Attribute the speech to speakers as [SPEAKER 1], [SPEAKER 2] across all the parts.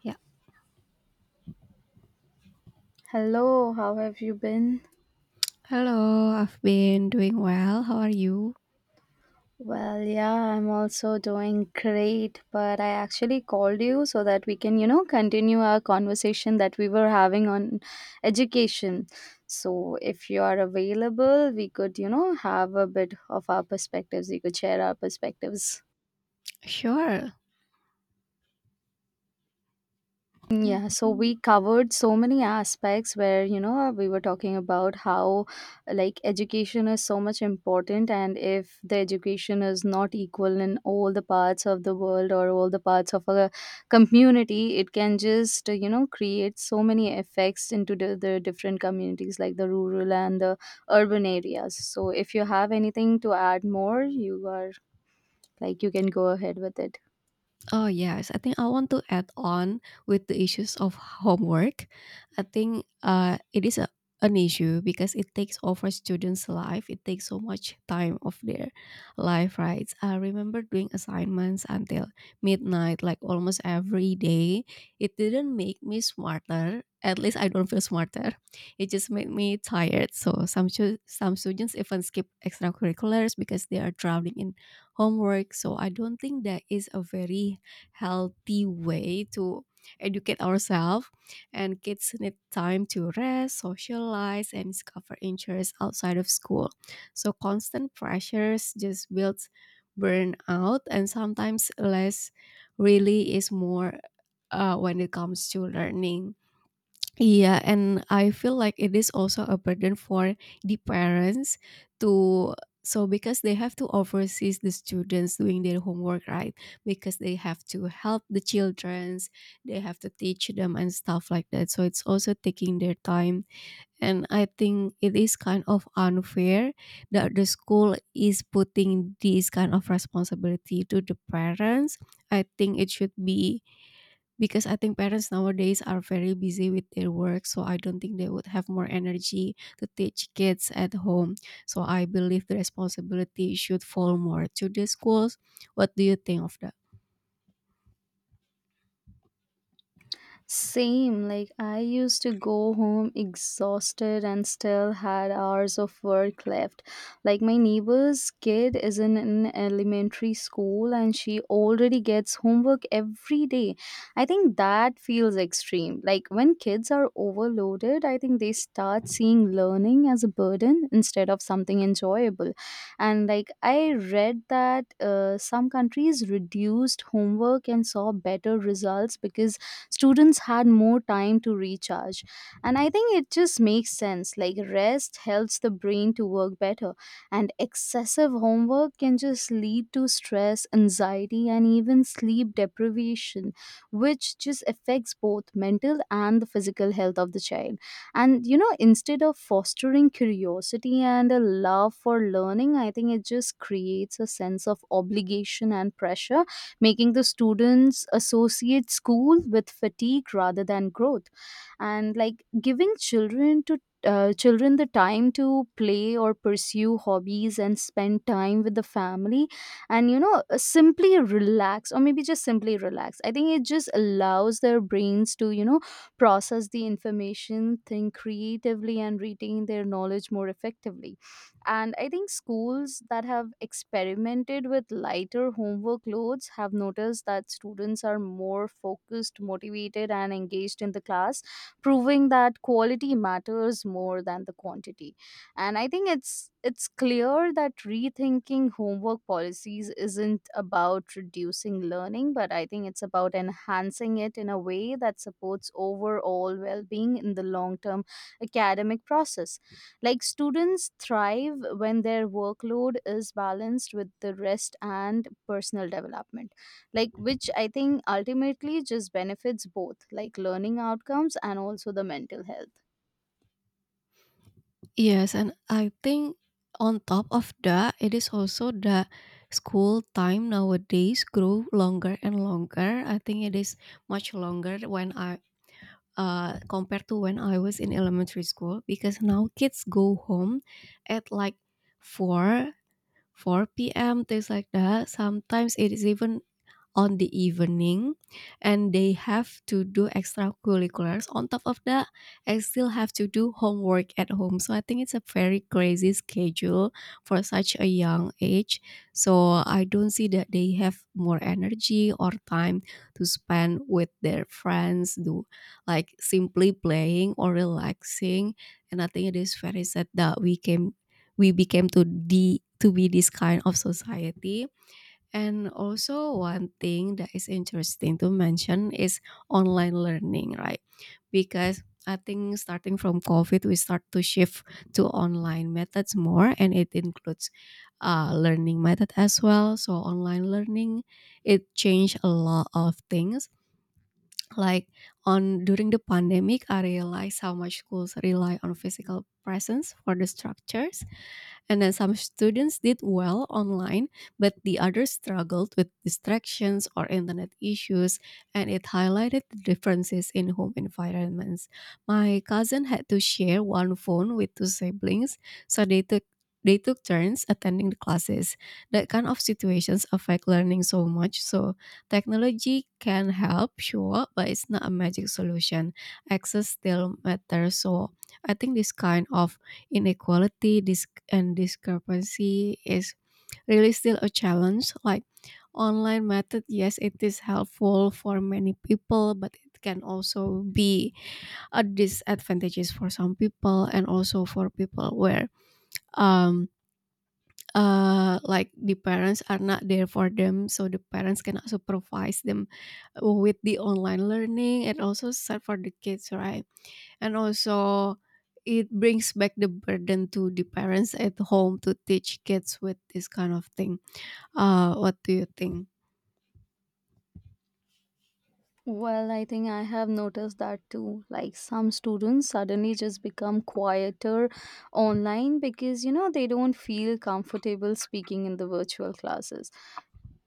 [SPEAKER 1] Yeah.
[SPEAKER 2] Hello, how have you been?
[SPEAKER 1] Hello, I've been doing well. How are you?
[SPEAKER 2] Well, yeah, I'm also doing great, but I actually called you so that we can continue our conversation that we were having on education. So, if you are available, we could have a bit of our perspectives. We could share our perspectives.
[SPEAKER 1] Sure.
[SPEAKER 2] Yeah, so
[SPEAKER 1] Mhm.
[SPEAKER 2] we covered so many aspects where we were talking about how like education is so much important, and if the education is not equal in all the parts of the world or all the parts of a community, it can just create so many effects into the different communities like the rural and the urban areas. So if you have anything to add more, you can go ahead with it.
[SPEAKER 1] Oh, yes. I think I want to add on with the issues of homework. I think it is an issue because it takes over students' life. It takes so much time of their life, right? I remember doing assignments until midnight, like almost every day. It didn't make me smarter. At least I don't feel smarter. It just made me tired. So some students even skip extracurriculars because they are drowning in homework. So I don't think that is a very healthy way to educate ourselves. And kids need time to rest, socialize, and discover interests outside of school. So constant pressures just builds burnout, and sometimes less really is more when it comes to learning. Yeah, and I feel like it is also a burden for the parents to, so because they have to oversee the students doing their homework, right? Because they have to help the childrens, they have to teach them and stuff like that. So it's also taking their time. And I think it is kind of unfair that the school is putting this kind of responsibility to the parents. I think it should be, because I think parents nowadays are very busy with their work, so I don't think they would have more energy to teach kids at home. So I believe the responsibility should fall more to the schools. What do you think of that?
[SPEAKER 2] Same, like I used to go home exhausted and still had hours of work left. Like my neighbor's kid is in an elementary school and she already gets homework every day. I think that feels extreme. Like when kids are overloaded, I think they start seeing learning as a burden instead of something enjoyable. And like I read that some countries reduced homework and saw better results because students had more time to recharge. And I think it just makes sense. Like, rest helps the brain to work better, and excessive homework can just lead to stress, anxiety, and even sleep deprivation, which just affects both mental and the physical health of the child. And instead of fostering curiosity and a love for learning, I think it just creates a sense of obligation and pressure, making the students associate school with fatigue rather than growth, and like giving children the time to play or pursue hobbies and spend time with the family, and simply relax, or maybe just simply relax. I think it just allows their brains to process the information, think creatively, and retain their knowledge more effectively. And I think schools that have experimented with lighter homework loads have noticed that students are more focused, motivated, and engaged in the class, proving that quality matters more than the quantity. And I think it's clear that rethinking homework policies isn't about reducing learning, but I think it's about enhancing it in a way that supports overall well-being in the long-term academic process. Like students thrive when their workload is balanced with the rest and personal development. Like, which I think ultimately just benefits both, like learning outcomes and also the mental health.
[SPEAKER 1] Yes, and I think on top of that, it is also that school time nowadays grow longer and longer. I think it is much longer when I compared to when I was in elementary school, because now kids go home at like four 4 p.m., things like that. Sometimes it is even on the evening, and they have to do extracurriculars on top of that. I still have to do homework at home, so I think it's a very crazy schedule for such a young age. So I don't see that they have more energy or time to spend with their friends, do like simply playing or relaxing. And I think it is very sad that we became to be this kind of society. And also, one thing that is interesting to mention is online learning, right? Because I think starting from COVID, we start to shift to online methods more, and it includes learning method as well. So online learning, it changed a lot of things. Like on during the pandemic, I realized how much schools rely on physical presence for the structures, and then some students did well online, but the others struggled with distractions or internet issues, and it highlighted the differences in home environments. My cousin had to share one phone with two siblings, so they took turns attending the classes. That kind of situations affect learning so much. So technology can help, sure, but it's not a magic solution. Access still matters. So I think this kind of inequality and discrepancy is really still a challenge. Like online method, yes, it is helpful for many people, but it can also be a disadvantages for some people, and also for people where um like the parents are not there for them, so the parents cannot supervise them with the online learning. And also sad for the kids, right? And also it brings back the burden to the parents at home to teach kids with this kind of thing. What do you think?
[SPEAKER 2] Well, I think I have noticed that too. Like some students suddenly just become quieter online because they don't feel comfortable speaking in the virtual classes,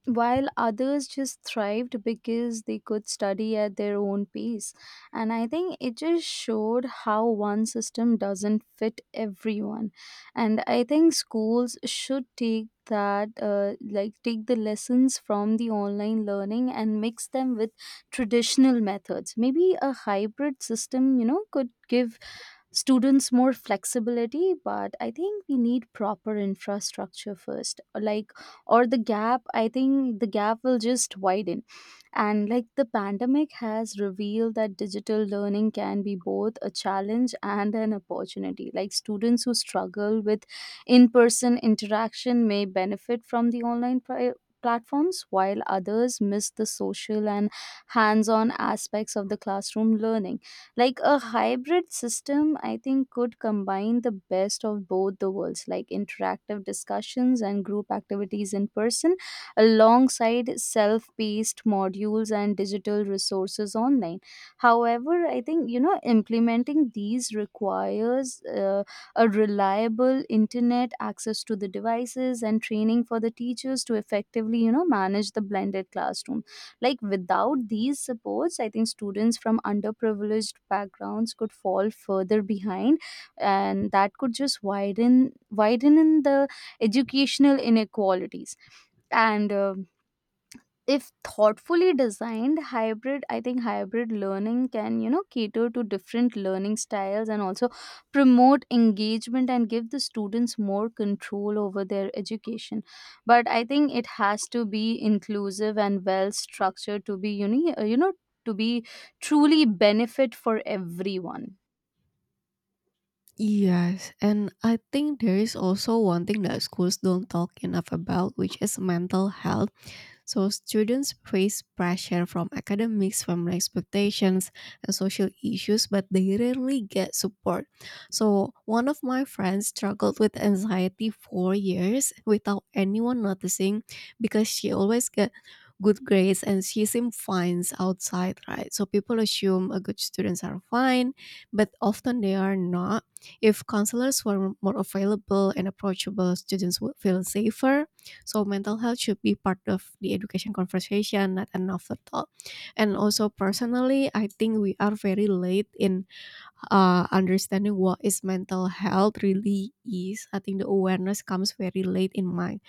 [SPEAKER 2] while others just thrived because they could study at their own pace. And I think it just showed how one system doesn't fit everyone. And I think schools should take that like take the lessons from the online learning and mix them with traditional methods. Maybe a hybrid system could give students more flexibility, but I think we need proper infrastructure first, like, or the gap, I think the gap will just widen. And like the pandemic has revealed that digital learning can be both a challenge and an opportunity. Like students who struggle with in-person interaction may benefit from the online platforms, while others miss the social and hands-on aspects of the classroom learning. Like a hybrid system, I think, could combine the best of both the worlds, like interactive discussions and group activities in person alongside self-paced modules and digital resources online. However, I think implementing these requires a reliable internet access to the devices and training for the teachers to effectively manage the blended classroom. Like, without these supports, I think students from underprivileged backgrounds could fall further behind, and that could just widen in the educational inequalities. And if thoughtfully designed, hybrid I think hybrid learning can cater to different learning styles and also promote engagement and give the students more control over their education. But I think it has to be inclusive and well structured to be uni- you know to be truly benefit for everyone.
[SPEAKER 1] Yes, and I think there is also one thing that schools don't talk enough about, which is mental health. So students face pressure from academics, family expectations, and social issues, but they rarely get support. So one of my friends struggled with anxiety for years without anyone noticing, because she always get good grades and she seemed fine outside, right? So people assume a good students are fine, but often they are not. If counselors were more available and approachable, students would feel safer. So mental health should be part of the education conversation, not an overthought. And also personally, I think we are very late in understanding what is mental health really is. I think the awareness comes very late in mind.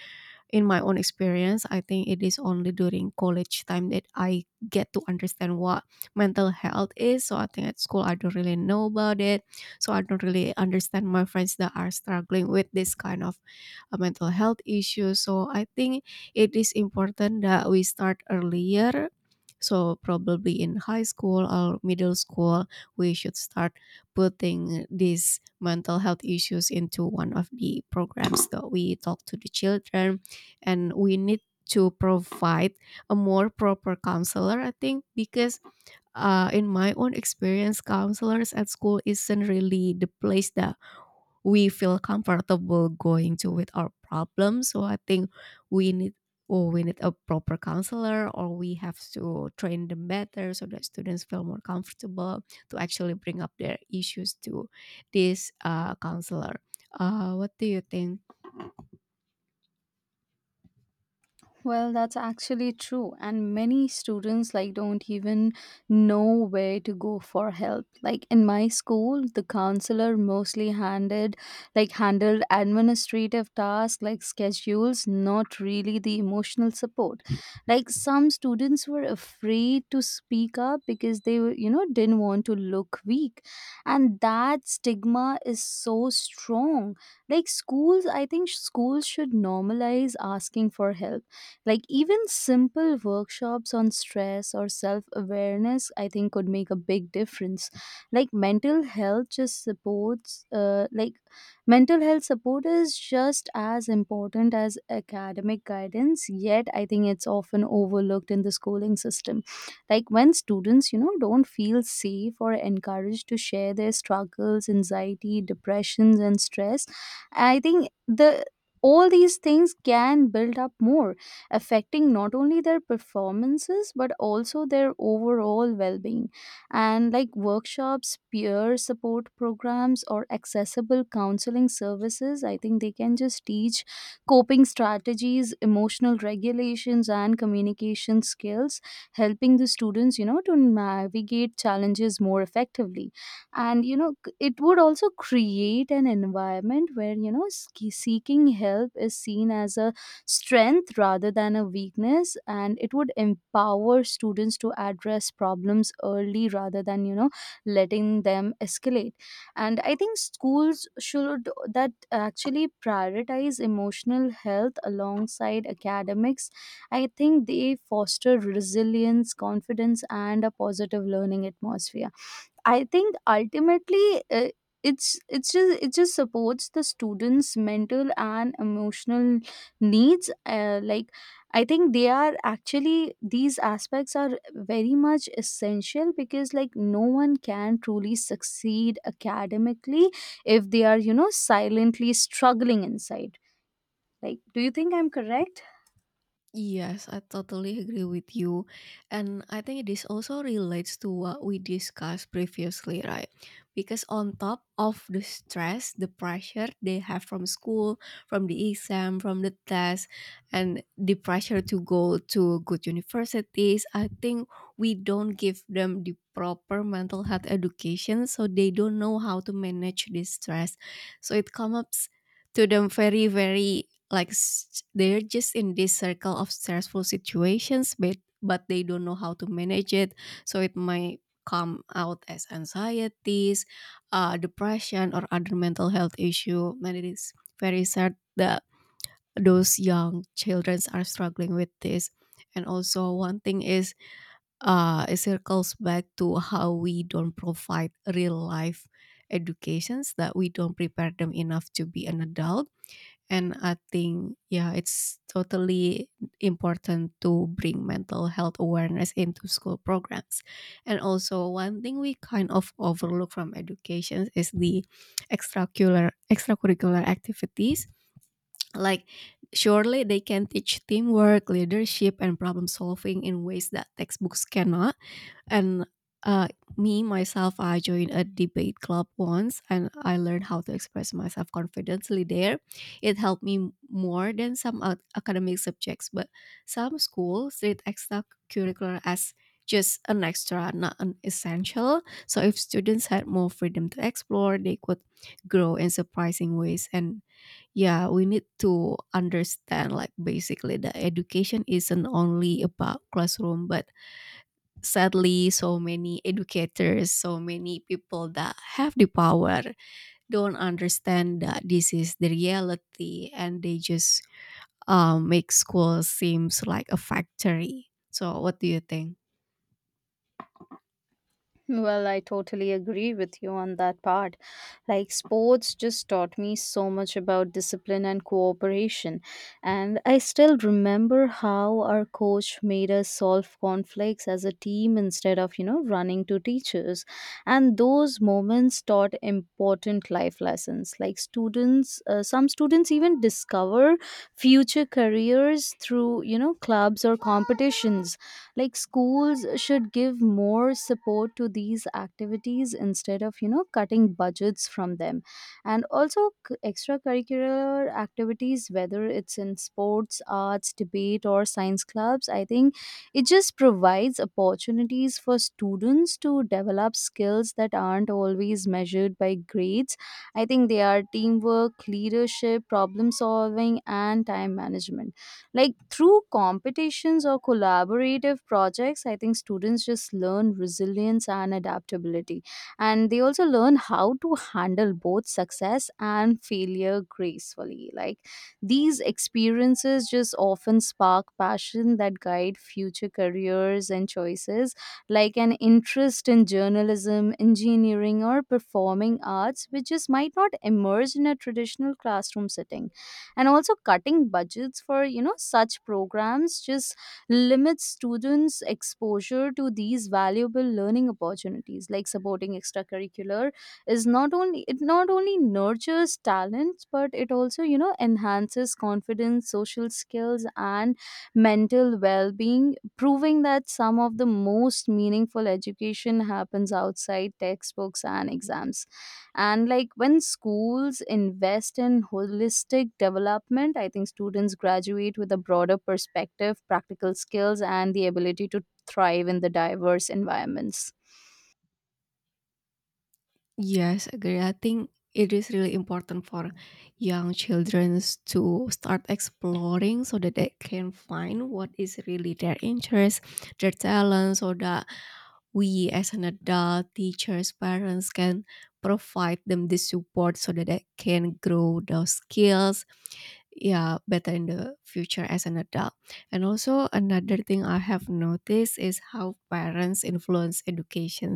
[SPEAKER 1] In my own experience, I think it is only during college time that I get to understand what mental health is. So I think at school I don't really know about it. So I don't really understand my friends that are struggling with this kind of mental health issues. So I think it is important that we start earlier. So probably in high school or middle school, we should start putting these mental health issues into one of the programs that we talk to the children, and we need to provide a more proper counselor, I think, because in my own experience, counselors at school isn't really the place that we feel comfortable going to with our problems. So I think we need we need a proper counselor, or we have to train them better, so that students feel more comfortable to actually bring up their issues to this counselor. What do you think?
[SPEAKER 2] Well, that's actually true. And many students like don't even know where to go for help. Like in my school, the counselor mostly handed like handled administrative tasks like schedules, not really the emotional support. Like some students were afraid to speak up because they were didn't want to look weak. And that stigma is so strong. Like schools, I think schools should normalize asking for help, like even simple workshops on stress or self-awareness, I think, could make a big difference. Like mental health support is just as important as academic guidance, yet I think it's often overlooked in the schooling system. Like when students don't feel safe or encouraged to share their struggles, anxiety, depressions and stress, I think the all these things can build up more, affecting not only their performances but also their overall well-being. And like workshops, peer support programs, or accessible counseling services, I think they can just teach coping strategies, emotional regulations, and communication skills, helping the students to navigate challenges more effectively. And it would also create an environment where seeking help is seen as a strength rather than a weakness, and it would empower students to address problems early rather than letting them escalate. And I think schools should that actually prioritize emotional health alongside academics, I think they foster resilience, confidence, and a positive learning atmosphere. I think ultimately it just supports the students' mental and emotional needs. Like I think they are actually these aspects are very much essential, because like no one can truly succeed academically if they are silently struggling inside. Like, do you think I'm correct?
[SPEAKER 1] Yes, I totally agree with you. And I think this also relates to what we discussed previously, right? Because on top of the stress, the pressure they have from school, from the exam, from the test, and the pressure to go to good universities, I think we don't give them the proper mental health education, so they don't know how to manage this stress. So it comes to them very, very like they're just in this circle of stressful situations, but they don't know how to manage it. So it might come out as anxieties, depression, or other mental health issue. And it is very sad that those young children are struggling with this. And also one thing is, it circles back to how we don't provide real life educations, that we don't prepare them enough to be an adult. And I think, yeah, it's totally important to bring mental health awareness into school programs. And also, one thing we kind of overlook from education is the extracurricular activities. Like, surely they can teach teamwork, leadership, and problem solving in ways that textbooks cannot. And uh, me, myself, I joined a debate club once and I learned how to express myself confidently there. It helped me more than some academic subjects, but some schools treat extracurricular as just an extra, not an essential. So if students had more freedom to explore, they could grow in surprising ways. And yeah, we need to understand like basically that education isn't only about classroom, but sadly so many people that have the power don't understand that this is the reality, and they just make school seems like a factory. So what do you think?
[SPEAKER 2] Well, I totally agree with you on that part. Like, sports just taught me so much about discipline and cooperation. And I still remember how our coach made us solve conflicts as a team instead of running to teachers. And those moments taught important life lessons. Like, some students even discover future careers through clubs or competitions. Like schools should give more support to these activities instead of cutting budgets from them. And also extracurricular activities, whether it's in sports, arts, debate, or science clubs, I think it just provides opportunities for students to develop skills that aren't always measured by grades. I think they are teamwork, leadership, problem solving, and time management, like through competitions or collaborative projects. I think students just learn resilience and adaptability. And they also learn how to handle both success and failure gracefully. Like these experiences just often spark passion that guide future careers and choices, like an interest in journalism, engineering, or performing arts, which just might not emerge in a traditional classroom setting. And also cutting budgets for such programs just limits students exposure to these valuable learning opportunities. Like supporting extracurricular is not only it not only nurtures talents, but it also enhances confidence, social skills, and mental well-being, proving that some of the most meaningful education happens outside textbooks and exams. And like when schools invest in holistic development, I think students graduate with a broader perspective, practical skills, and the ability to thrive in the diverse environments.
[SPEAKER 1] Yes, agree. I think it is really important for young children to start exploring, so that they can find what is really their interest, their talent, so that we as an adult, teachers, parents can provide them the support so that they can grow those skills, yeah, better in the future as an adult. And also another thing I have noticed is how parents influence education.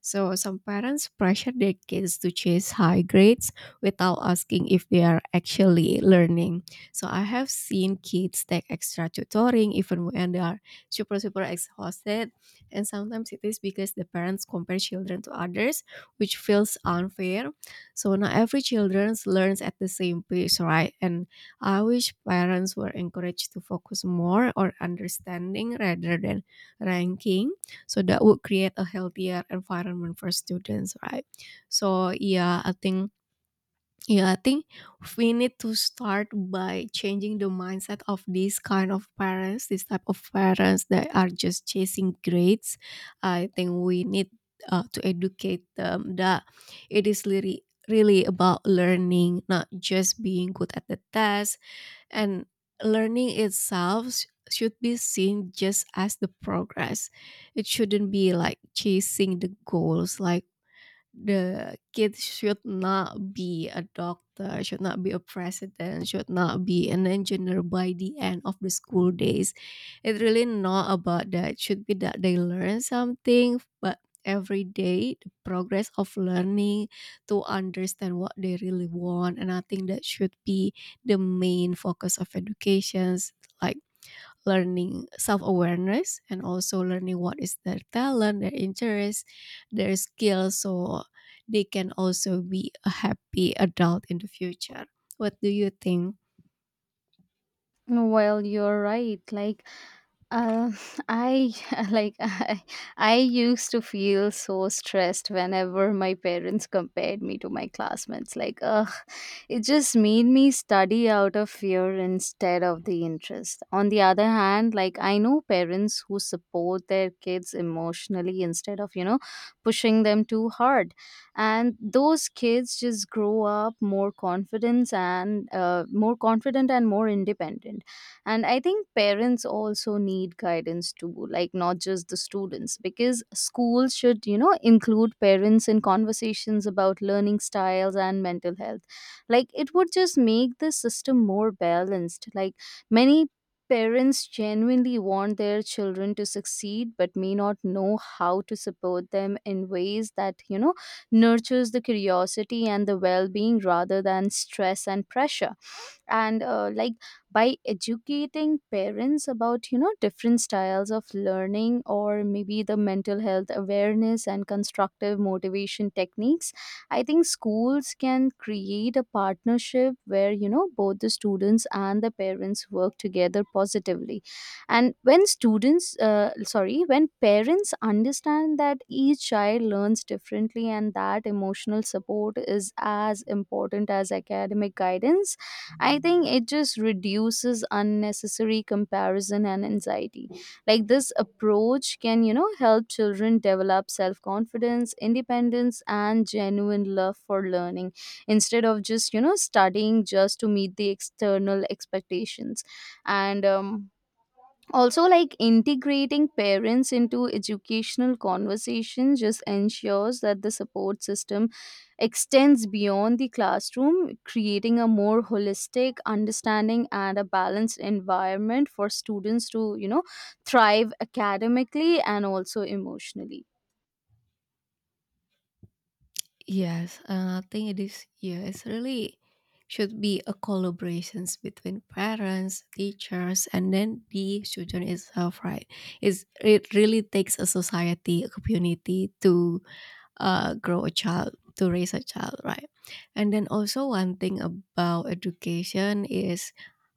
[SPEAKER 1] So some parents pressure their kids to chase high grades without asking if they are actually learning. So I have seen kids take extra tutoring even when they are super super exhausted. And sometimes it is because the parents compare children to others, which feels unfair. So not every children learns at the same pace, right? And I wish parents were encouraged to focus more on understanding rather than ranking, so that would create a healthier environment for students, right? So yeah, I think we need to start by changing the mindset of these kind of parents this type of parents that are just chasing grades. I think we need to educate them that it is really really about learning, not just being good at the test. And learning itself should be seen just as the progress. It shouldn't be like chasing the goals, like the kid should not be a doctor, should not be a president, should not be an engineer by the end of the school days. It's really not about that. It should be that they learn something, but every day the progress of learning to understand what they really want. And I think that should be the main focus of educations, like learning self-awareness, and also learning what is their talent, their interest, their skills, so they can also be a happy adult in the future. What do you think?
[SPEAKER 2] Well, you're right. Like Uh, I like I used to feel so stressed whenever my parents compared me to my classmates. Like, ugh, it just made me study out of fear instead of the interest. On the other hand, like I know parents who support their kids emotionally instead of pushing them too hard, and those kids just grow up more confidence and more confident and more independent. And I think parents also need guidance too, like, not just the students, because schools should include parents in conversations about learning styles and mental health. Like it would just make the system more balanced, like many parents genuinely want their children to succeed but may not know how to support them in ways that nurtures the curiosity and the well-being rather than stress and pressure. And like by educating parents about different styles of learning, or maybe the mental health awareness and constructive motivation techniques, I think schools can create a partnership where both the students and the parents work together positively. And when students sorry when parents understand that each child learns differently and that emotional support is as important as academic guidance, I think it just reduces unnecessary comparison and anxiety. Like this approach can, you know, help children develop self confidence, independence, and genuine love for learning instead of just, you know, studying just to meet the external expectations. And Also, like, integrating parents into educational conversation just ensures that the support system extends beyond the classroom, creating a more holistic understanding and a balanced environment for students to thrive academically and also emotionally.
[SPEAKER 1] Yes, I think it is. Yeah, it's really should be a collaborations between parents, teachers, and then the student itself, right? It really takes a society, a community to grow a child, to raise a child, right? And then also, one thing about education is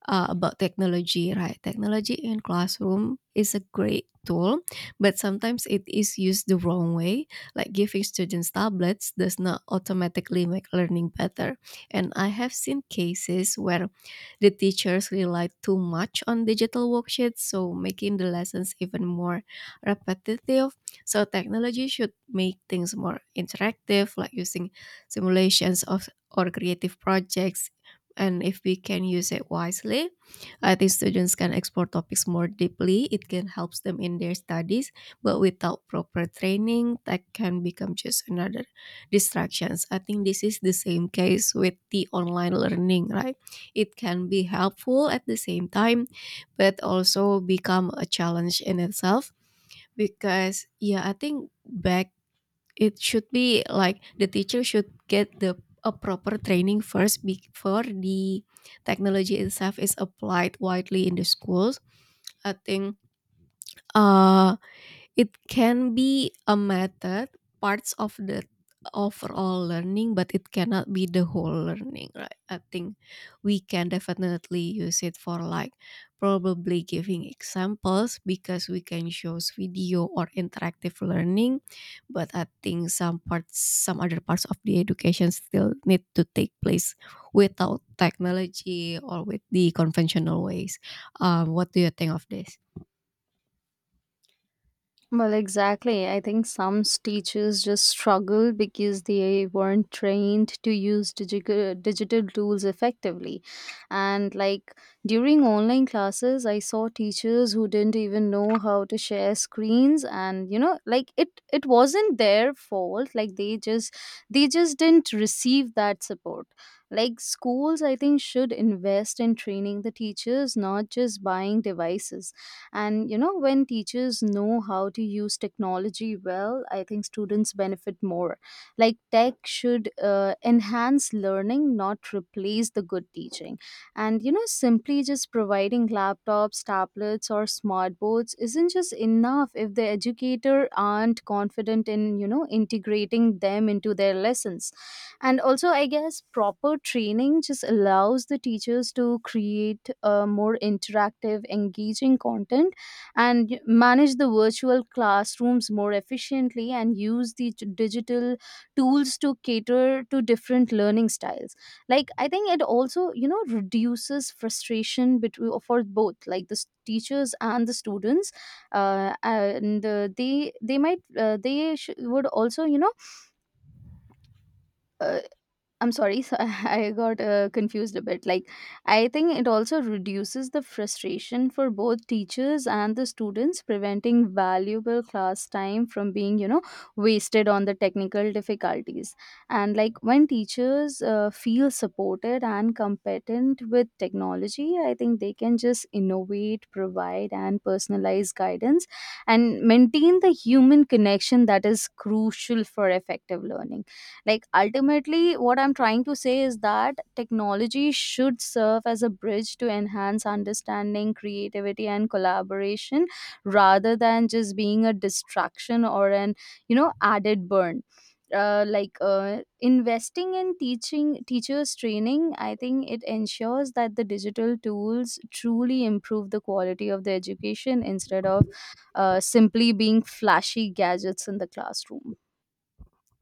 [SPEAKER 1] about technology, right? Technology in classroom is a great tool, but sometimes it is used the wrong way, like giving students tablets does not automatically make learning better. And I have seen cases where the teachers rely too much on digital worksheets, so making the lessons even more repetitive. So technology should make things more interactive, like using simulations of or creative projects. And if we can use it wisely, I think students can explore topics more deeply. It can help them in their studies, but without proper training, that can become just another distractions. I think this is the same case with the online learning, right? It can be helpful at the same time, but also become a challenge in itself, because yeah, I think back it should be like the teacher should get the a proper training first before the technology itself is applied widely in the schools. I think uh it can be a method, parts of the overall learning, but it cannot be the whole learning, right? I think we can definitely use it for like probably giving examples, because we can shows video or interactive learning. But I think some parts, some other parts of the education still need to take place without technology, or with the conventional ways. What do you think of this?
[SPEAKER 2] Well, exactly. I think some teachers just struggle because they weren't trained to use digital tools effectively. And like during online classes, I saw teachers who didn't even know how to share screens, and you know, like, it wasn't their fault. Like, they just didn't receive that support. Like, schools, I think, should invest in training the teachers, not just buying devices. And you know, when teachers know how to use technology well, I think students benefit more. Like, tech should enhance learning, not replace the good teaching. And you know, simply just providing laptops, tablets, or smart boards isn't just enough if the educator aren't confident in, you know, integrating them into their lessons. And also, I guess proper training just allows the teachers to create a more interactive, engaging content and manage the virtual classrooms more efficiently, and use the digital tools to cater to different learning styles. Like, I think it also, you know, reduces frustration between for both, like, the teachers and the students. And They might would also, you know, uh, I'm sorry, so I got confused a bit. Like, I think it also reduces the frustration for both teachers and the students, preventing valuable class time from being, you know, wasted on the technical difficulties. And like, when teachers feel supported and competent with technology, I think they can just innovate, provide, and personalize guidance and maintain the human connection that is crucial for effective learning. Like, ultimately, what I'm trying to say is that technology should serve as a bridge to enhance understanding, creativity, and collaboration rather than just being a distraction or an, you know, added burn. Like, investing in teaching teachers training, I think it ensures that the digital tools truly improve the quality of the education, instead of simply being flashy gadgets in the classroom.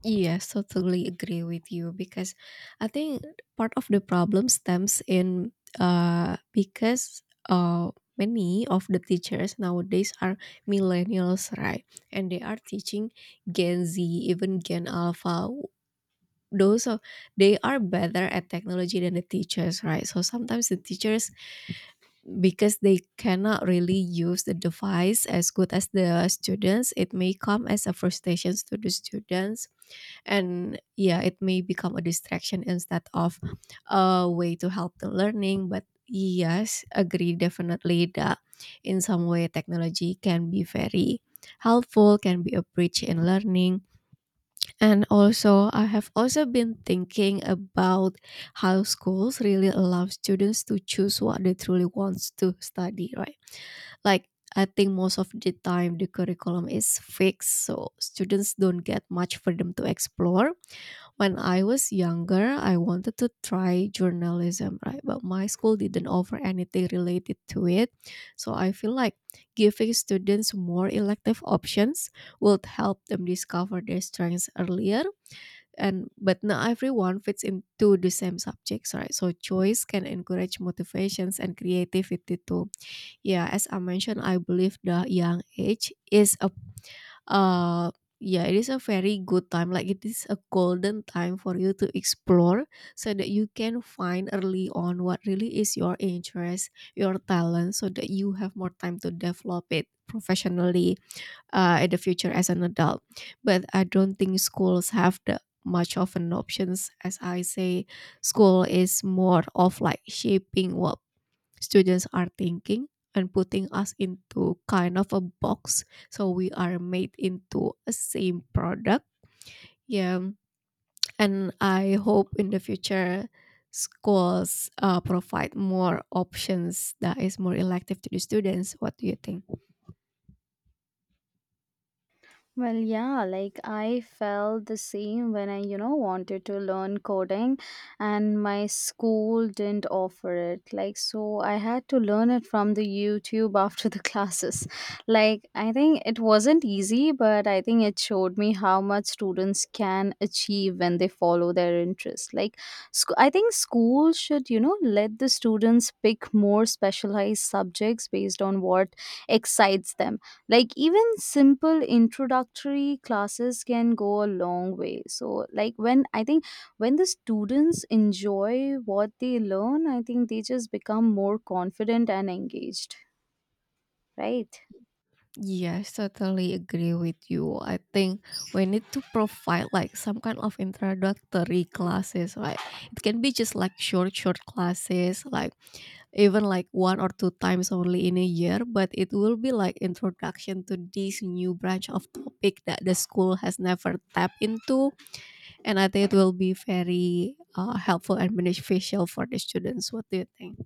[SPEAKER 1] Yes, totally agree with you because I think part of the problem stems in because uh many of the teachers nowadays are millennials, right? And they are teaching Gen Z, even Gen Alpha. Those are They are better at technology than the teachers, right? So sometimes the teachers, because they cannot really use the device as good as the students, it may come as a frustration to the students. And yeah, it may become a distraction instead of a way to help the learning. But yes, agree definitely that in some way technology can be very helpful, can be a bridge in learning. And also, I have also been thinking about how schools really allow students to choose what they truly wants to study, right? Like, I think most of the time the curriculum is fixed, so students don't get much freedom to explore. When I was younger, I wanted to try journalism, right? But my school didn't offer anything related to it. So I feel like giving students more elective options would help them discover their strengths earlier. And but not everyone fits into the same subjects, right? So choice can encourage motivations and creativity too. Yeah, as I mentioned, I believe the young age is a Uh, yeah, it is a very good time. Like, it is a golden time for you to explore, so that you can find early on what really is your interest, your talent, so that you have more time to develop it professionally in the future as an adult. But I don't think schools have the much of an options. As I say, school is more of like shaping what students are thinking and putting us into kind of a box, so we are made into a same product. Yeah, and I hope in the future schools provide more options that is more elective to the students. What do you think?
[SPEAKER 2] Well, yeah, like I felt the same when I, you know, wanted to learn coding and my school didn't offer it. Like, so I had to learn it from the YouTube after the classes. Like, I think it wasn't easy, but I think it showed me how much students can achieve when they follow their interest. Like, I think schools should, you know, let the students pick more specialized subjects based on what excites them. Like, even simple introductory classes can go a long way. So, like, when I think when the students enjoy what they learn, I think they just become more confident and engaged, right?
[SPEAKER 1] Yeah, I certainly agree with you. I think we need to provide like some kind of introductory classes, right? It can be just like short, short classes, like even like one or two times only in a year, but it will be like introduction to this new branch of topic that the school has never tapped into. And I think it will be very helpful and beneficial for the students. What do you think?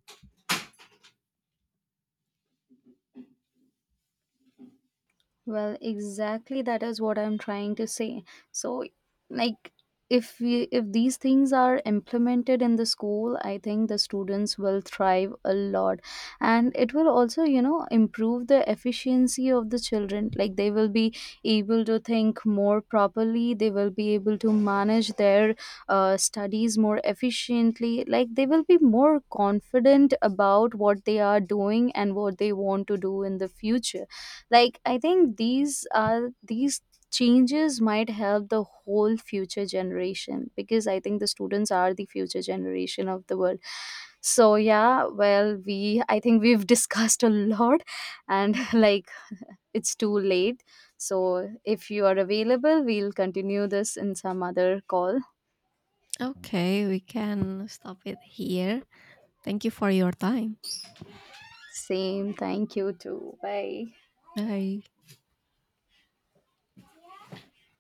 [SPEAKER 2] Well, exactly that is what I'm trying to say. So, like, if these things are implemented in the school, I think the students will thrive a lot, and it will also, you know, improve the efficiency of the children. Like, they will be able to think more properly, they will be able to manage their studies more efficiently. Like, they will be more confident about what they are doing and what they want to do in the future. Like, I think these changes might help the whole future generation because I think the students are the future generation of the world. So yeah, well, we I think we've discussed a lot, and like, it's too late. So if you are available, we'll continue this in some other call.
[SPEAKER 1] Okay, we can stop it here. Thank you for your time.
[SPEAKER 2] Same, thank you too, bye.
[SPEAKER 1] Bye.